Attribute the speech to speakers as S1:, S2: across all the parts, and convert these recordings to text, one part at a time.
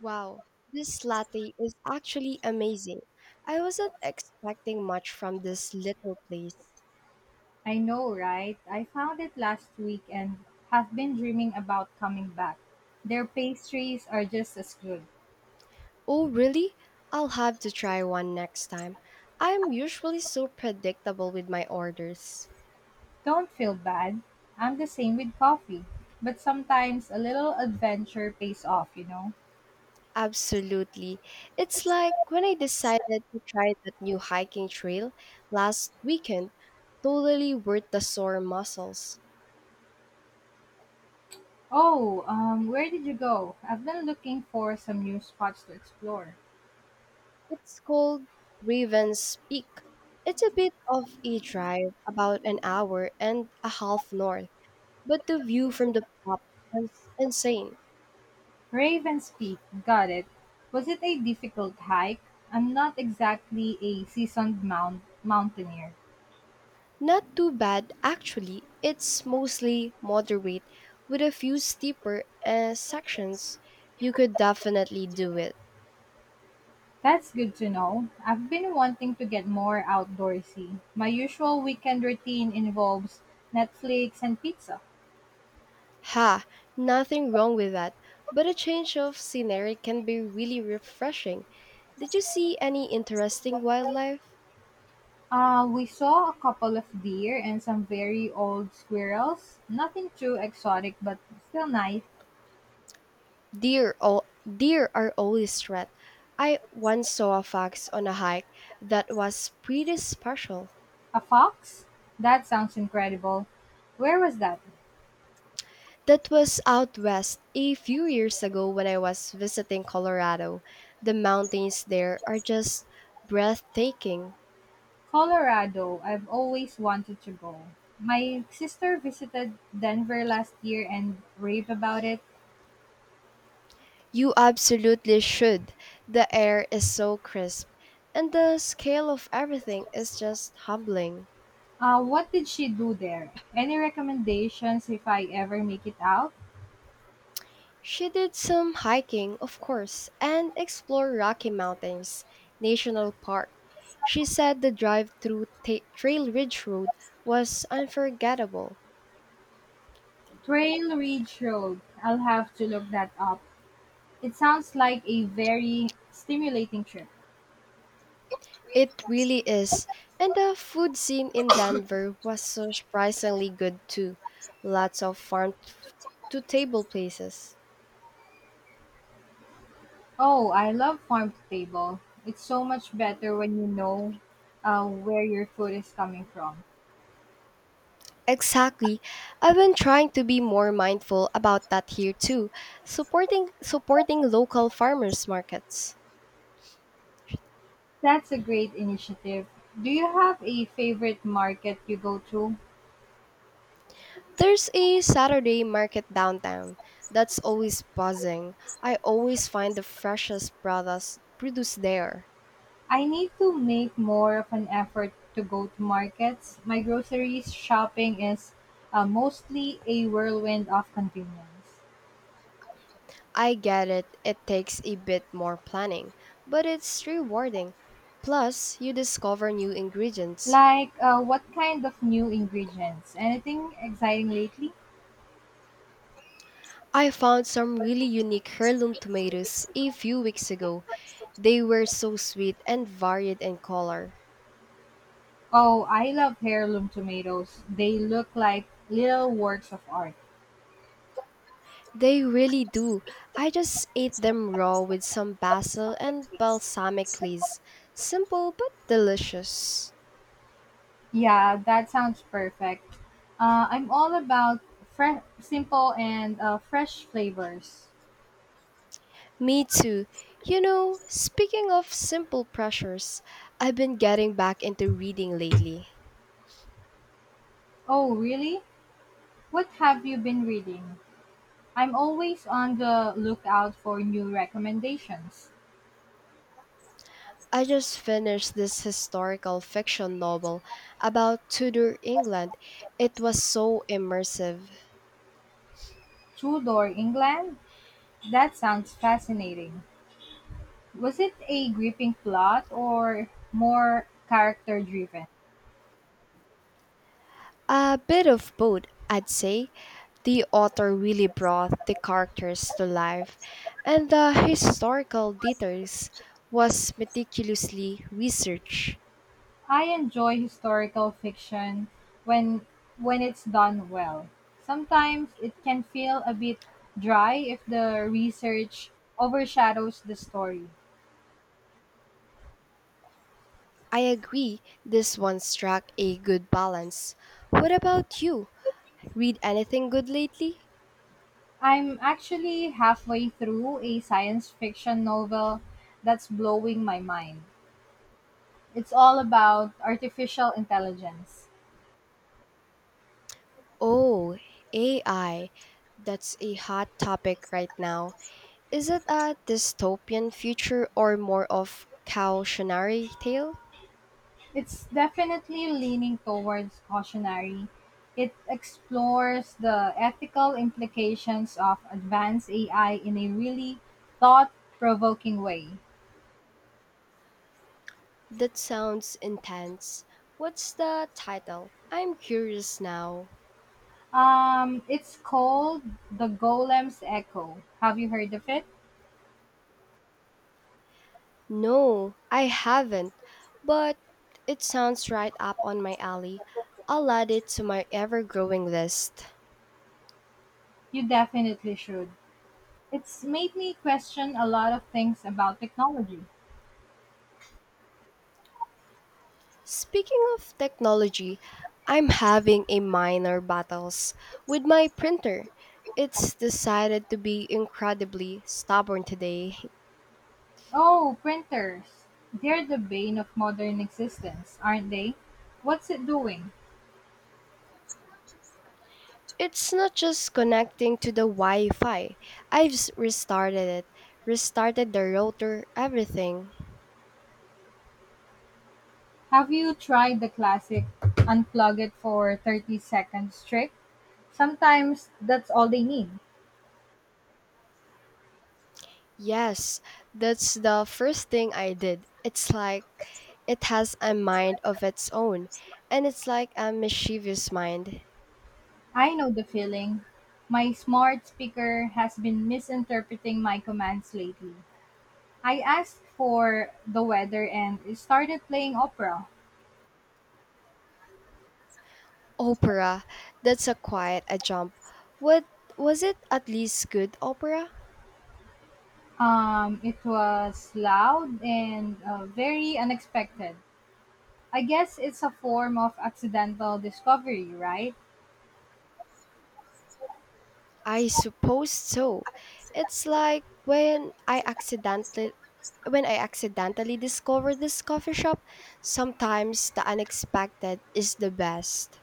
S1: Wow, this latte is actually amazing. I wasn't expecting much from this little place.
S2: I know, right? I found it last week and have been dreaming about coming back. Their pastries are just as good.
S1: Oh, really? I'll have to try one next time. I'm usually so predictable with my orders.
S2: Don't feel bad. I'm the same with coffee. But sometimes a little adventure pays off, you know?
S1: Absolutely. It's like when I decided to try that new hiking trail last weekend, totally worth the sore muscles.
S2: Oh, where did you go? I've been looking for some new spots to explore.
S1: It's called Raven's Peak. It's a bit of a drive, about an hour and a half north, but the view from the top was insane.
S2: Raven's Peak, got it. Was it a difficult hike? I'm not exactly a seasoned mountaineer.
S1: Not too bad, actually. It's mostly moderate, with a few steeper sections. You could definitely do it.
S2: That's good to know. I've been wanting to get more outdoorsy. My usual weekend routine involves Netflix and pizza.
S1: Ha, nothing wrong with that, but a change of scenery can be really refreshing. Did you see any interesting wildlife?
S2: We saw a couple of deer and some very old squirrels. Nothing too exotic, but still nice.
S1: Deer are always a threat. I once saw a fox on a hike that was pretty special.
S2: A fox? That sounds incredible. Where was that?
S1: That was out west a few years ago when I was visiting Colorado. The mountains there are just breathtaking.
S2: Colorado. I've always wanted to go. My sister visited Denver last year and raved about it.
S1: You absolutely should. The air is so crisp, and the scale of everything is just humbling.
S2: What did she do there? Any recommendations if I ever make it out?
S1: She did some hiking, of course, and explored Rocky Mountains National Park. She said the drive through Trail Ridge Road was unforgettable.
S2: Trail Ridge Road. I'll have to look that up. It sounds like a very stimulating trip.
S1: It really is. And the food scene in Denver was so surprisingly good too. Lots of farm to table places.
S2: Oh, I love farm to table. It's so much better when where your food is coming from.
S1: Exactly. I've been trying to be more mindful about that here too, supporting local farmers markets.
S2: That's a great initiative. Do you have a favorite market you go to?
S1: There's a Saturday market downtown that's always buzzing. I always find the freshest products produced there.
S2: I need to make more of an effort to go to markets. My groceries shopping is mostly a whirlwind of convenience.
S1: I get it, it takes a bit more planning, but it's rewarding. Plus, you discover new ingredients.
S2: What kind of new ingredients? Anything exciting lately?
S1: I found some really unique heirloom tomatoes a few weeks ago. They were so sweet and varied in color.
S2: Oh, I love heirloom tomatoes. They look like little works of art.
S1: They really do. I just ate them raw with some basil and balsamic leaves. Simple but delicious.
S2: Yeah, that sounds perfect. I'm all about fresh, simple and fresh flavors.
S1: Me too. You know, speaking of simple pressures, I've been getting back into reading lately.
S2: Oh, really? What have you been reading? I'm always on the lookout for new recommendations.
S1: I just finished this historical fiction novel about Tudor England. It was so immersive.
S2: Tudor England? That sounds fascinating. Was it a gripping plot or more character driven?
S1: A bit of both, I'd say. The author really brought the characters to life, and the historical details was meticulously researched.
S2: I enjoy historical fiction when when it's done well. Sometimes it can feel a bit dry if the research overshadows the story.
S1: I agree, this one struck a good balance. What about you? Read anything good lately?
S2: I'm actually halfway through a science fiction novel that's blowing my mind. It's all about artificial intelligence.
S1: Oh, AI. That's a hot topic right now. Is it a dystopian future or more of cautionary tale?
S2: It's definitely leaning towards cautionary. It explores the ethical implications of advanced AI in a really thought provoking way.
S1: That sounds intense. What's the title? I'm curious now.
S2: It's called The Golem's Echo. Have you heard of it?
S1: No, I haven't, but it sounds right up on my alley. I'll add it to my ever growing list.
S2: You definitely should. It's made me question a lot of things about technology.
S1: Speaking of technology, I'm having a minor battles with my printer. It's decided to be incredibly stubborn today.
S2: Oh, printers! They're the bane of modern existence, aren't they? What's it doing?
S1: It's not just connecting to the Wi Fi. I've restarted it, restarted the router, everything.
S2: Have you tried the classic unplug it for 30 seconds trick? Sometimes that's all they need.
S1: Yes, that's the first thing I did. It's like it has a mind of its own, and it's like a mischievous mind.
S2: I know the feeling. My smart speaker has been misinterpreting my commands lately. I asked for the weather and it started playing opera.
S1: Opera, that's a quite a jump. What was it, at least good opera?
S2: It was loud and very unexpected. I guess it's a form of accidental discovery, right?
S1: I suppose so. It's like when I accidentally discover this coffee shop, sometimes the unexpected is the best.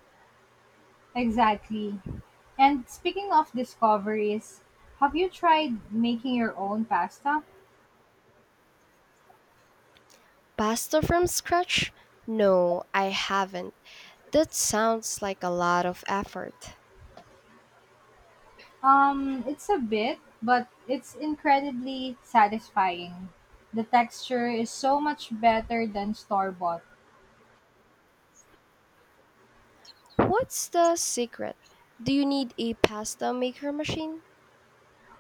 S2: Exactly. And speaking of discoveries, have you tried making your own pasta?
S1: Pasta from scratch? No, I haven't. That sounds like a lot of effort.
S2: It's a bit, but it's incredibly satisfying. The texture is so much better than store bought.
S1: What's the secret? Do you need a pasta maker machine?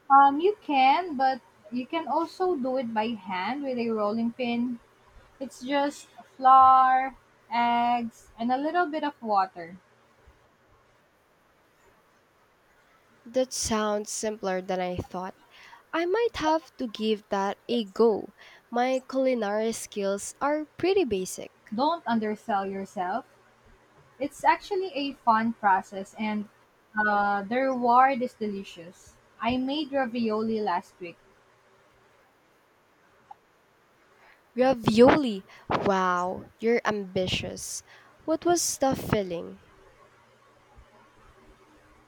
S2: You can, but you can also do it by hand with a rolling pin. It's just flour, eggs, and a little bit of water.
S1: That sounds simpler than I thought. I might have to give that a go. My culinary skills are pretty basic.
S2: Don't undersell yourself. It's actually a fun process, and the reward is delicious. I made ravioli last week.
S1: Ravioli! Wow, you're ambitious. What was the filling?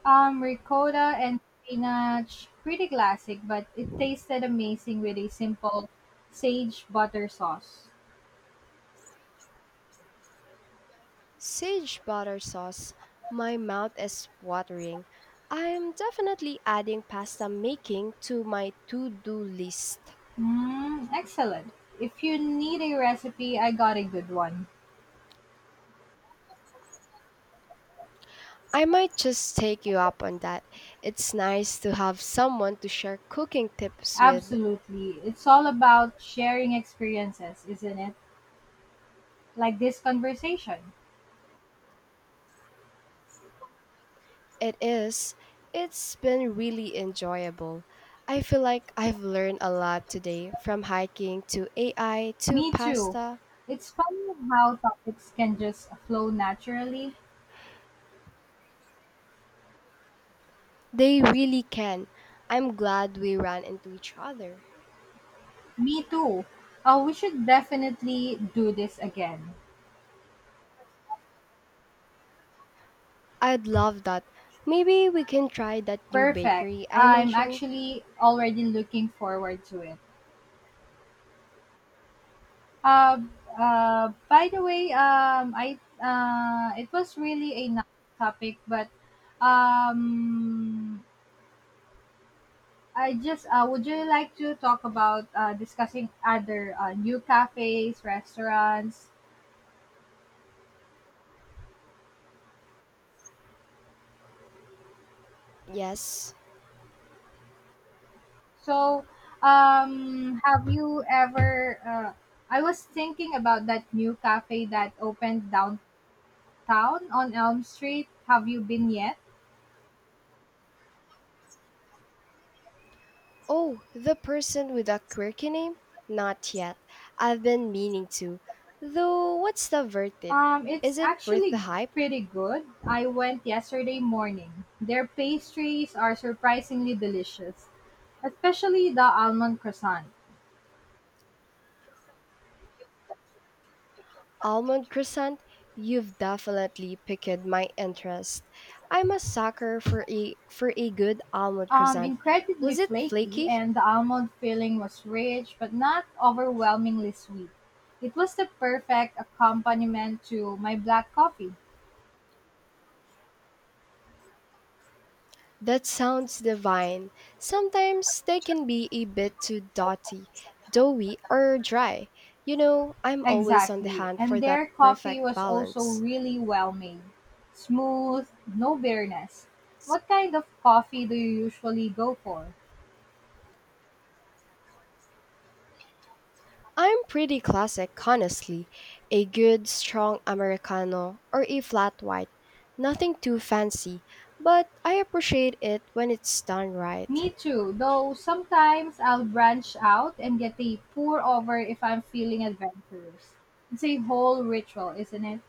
S2: Ricotta and spinach, pretty classic, but it tasted amazing with a simple sage butter sauce.
S1: Sage butter sauce. My mouth is watering. I am definitely adding pasta making to my to do list.
S2: Mm, excellent. If you need a recipe, I got a good one.
S1: I might just take you up on that. It's nice to have someone to share cooking tips with.
S2: Absolutely. It's all about sharing experiences, isn't it? Like this conversation.
S1: It is. It's been really enjoyable. I feel like I've learned a lot today, from hiking to AI to
S2: Me too.
S1: pasta.
S2: It's funny how topics can just flow naturally.
S1: They really can. I'm glad we ran into each other.
S2: Me too. Oh, we should definitely do this again.
S1: I'd love that. Maybe we can try that new
S2: Perfect.
S1: bakery I
S2: I'm
S1: mentioned.
S2: actually already looking forward to it. Uh, by the way, I it was really a nice topic, but um, I just would you like to talk about discussing other new cafes, restaurants,
S1: Yes.
S2: So, have you ever? I was thinking about that new cafe that opened downtown on Elm Street. Have you been yet?
S1: Oh, the person with a quirky name? Not yet. I've been meaning to. Though, what's the verdict? Is
S2: It's
S1: it worth the
S2: actually
S1: hype?
S2: pretty good. I went yesterday morning. Their pastries are surprisingly delicious, especially the almond croissant.
S1: Almond croissant? You've definitely piqued my interest. I'm a sucker for a good almond croissant.
S2: Incredibly
S1: Was it
S2: flaky,
S1: flaky?
S2: and the almond filling was rich but not overwhelmingly sweet. It was the perfect accompaniment to my black coffee.
S1: That sounds divine. Sometimes they can be a bit too dotty, doughy, or dry. You know, I'm always on the
S2: Exactly,
S1: hunt for
S2: and
S1: that
S2: their coffee
S1: perfect
S2: was also
S1: balance.
S2: really well made. Smooth, no bitterness. What kind of coffee do you usually go for?
S1: I'm pretty classic, honestly. A good, strong Americano or a flat white. Nothing too fancy, but I appreciate it when it's done
S2: Me
S1: right.
S2: too, though sometimes I'll branch out and get a pour over if I'm feeling adventurous. It's a whole ritual, isn't it?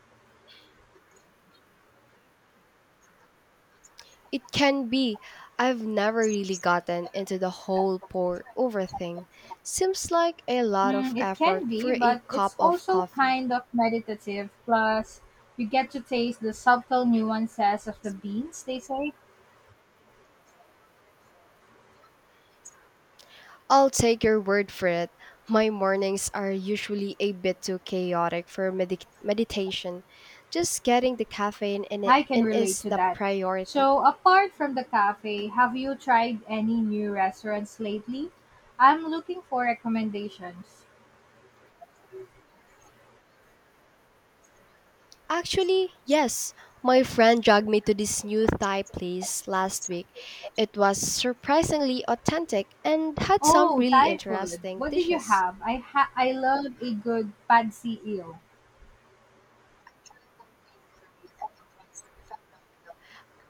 S1: It can be. I've never really gotten into the whole pour over thing. Seems like a lot of
S2: Mm, it can
S1: effort for
S2: be,
S1: a
S2: but
S1: cup
S2: it's
S1: of
S2: also
S1: coffee.
S2: kind of meditative. Plus, you get to taste the subtle nuances of the beans, they say.
S1: I'll take your word for it. My mornings are usually a bit too chaotic for meditation. Just getting the caffeine
S2: I can
S1: in
S2: relate
S1: is
S2: to
S1: the
S2: that.
S1: priority.
S2: So, apart from the cafe, have you tried any new restaurants lately? I'm looking for recommendations.
S1: Actually, yes. My friend dragged me to this new Thai place last week. It was surprisingly authentic and had some
S2: Oh,
S1: really
S2: Thai food.
S1: interesting
S2: What did you
S1: dishes.
S2: have? I love a good pad see ew.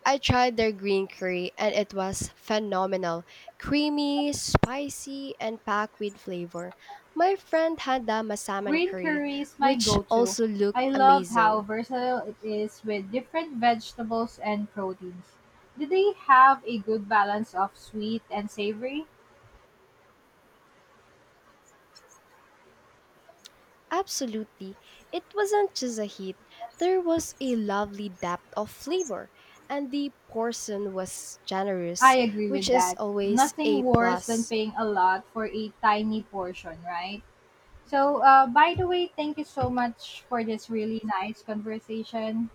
S1: I tried their green curry and it was phenomenal. Creamy, spicy, and packed with flavor. My friend had the masaman
S2: Green
S1: curry,
S2: curry is my
S1: which
S2: go to.
S1: also looked
S2: I love how
S1: amazing.
S2: versatile it is with different vegetables and proteins. Do they have a good balance of sweet and savory?
S1: Absolutely. It wasn't just a hit, there was a lovely depth of flavor, and the portion was
S2: I
S1: generous,
S2: agree
S1: which
S2: with
S1: is
S2: that.
S1: always a
S2: Nothing worse than
S1: plus.
S2: paying a lot for a tiny portion, right? So, by the way, thank you so much for this really nice conversation.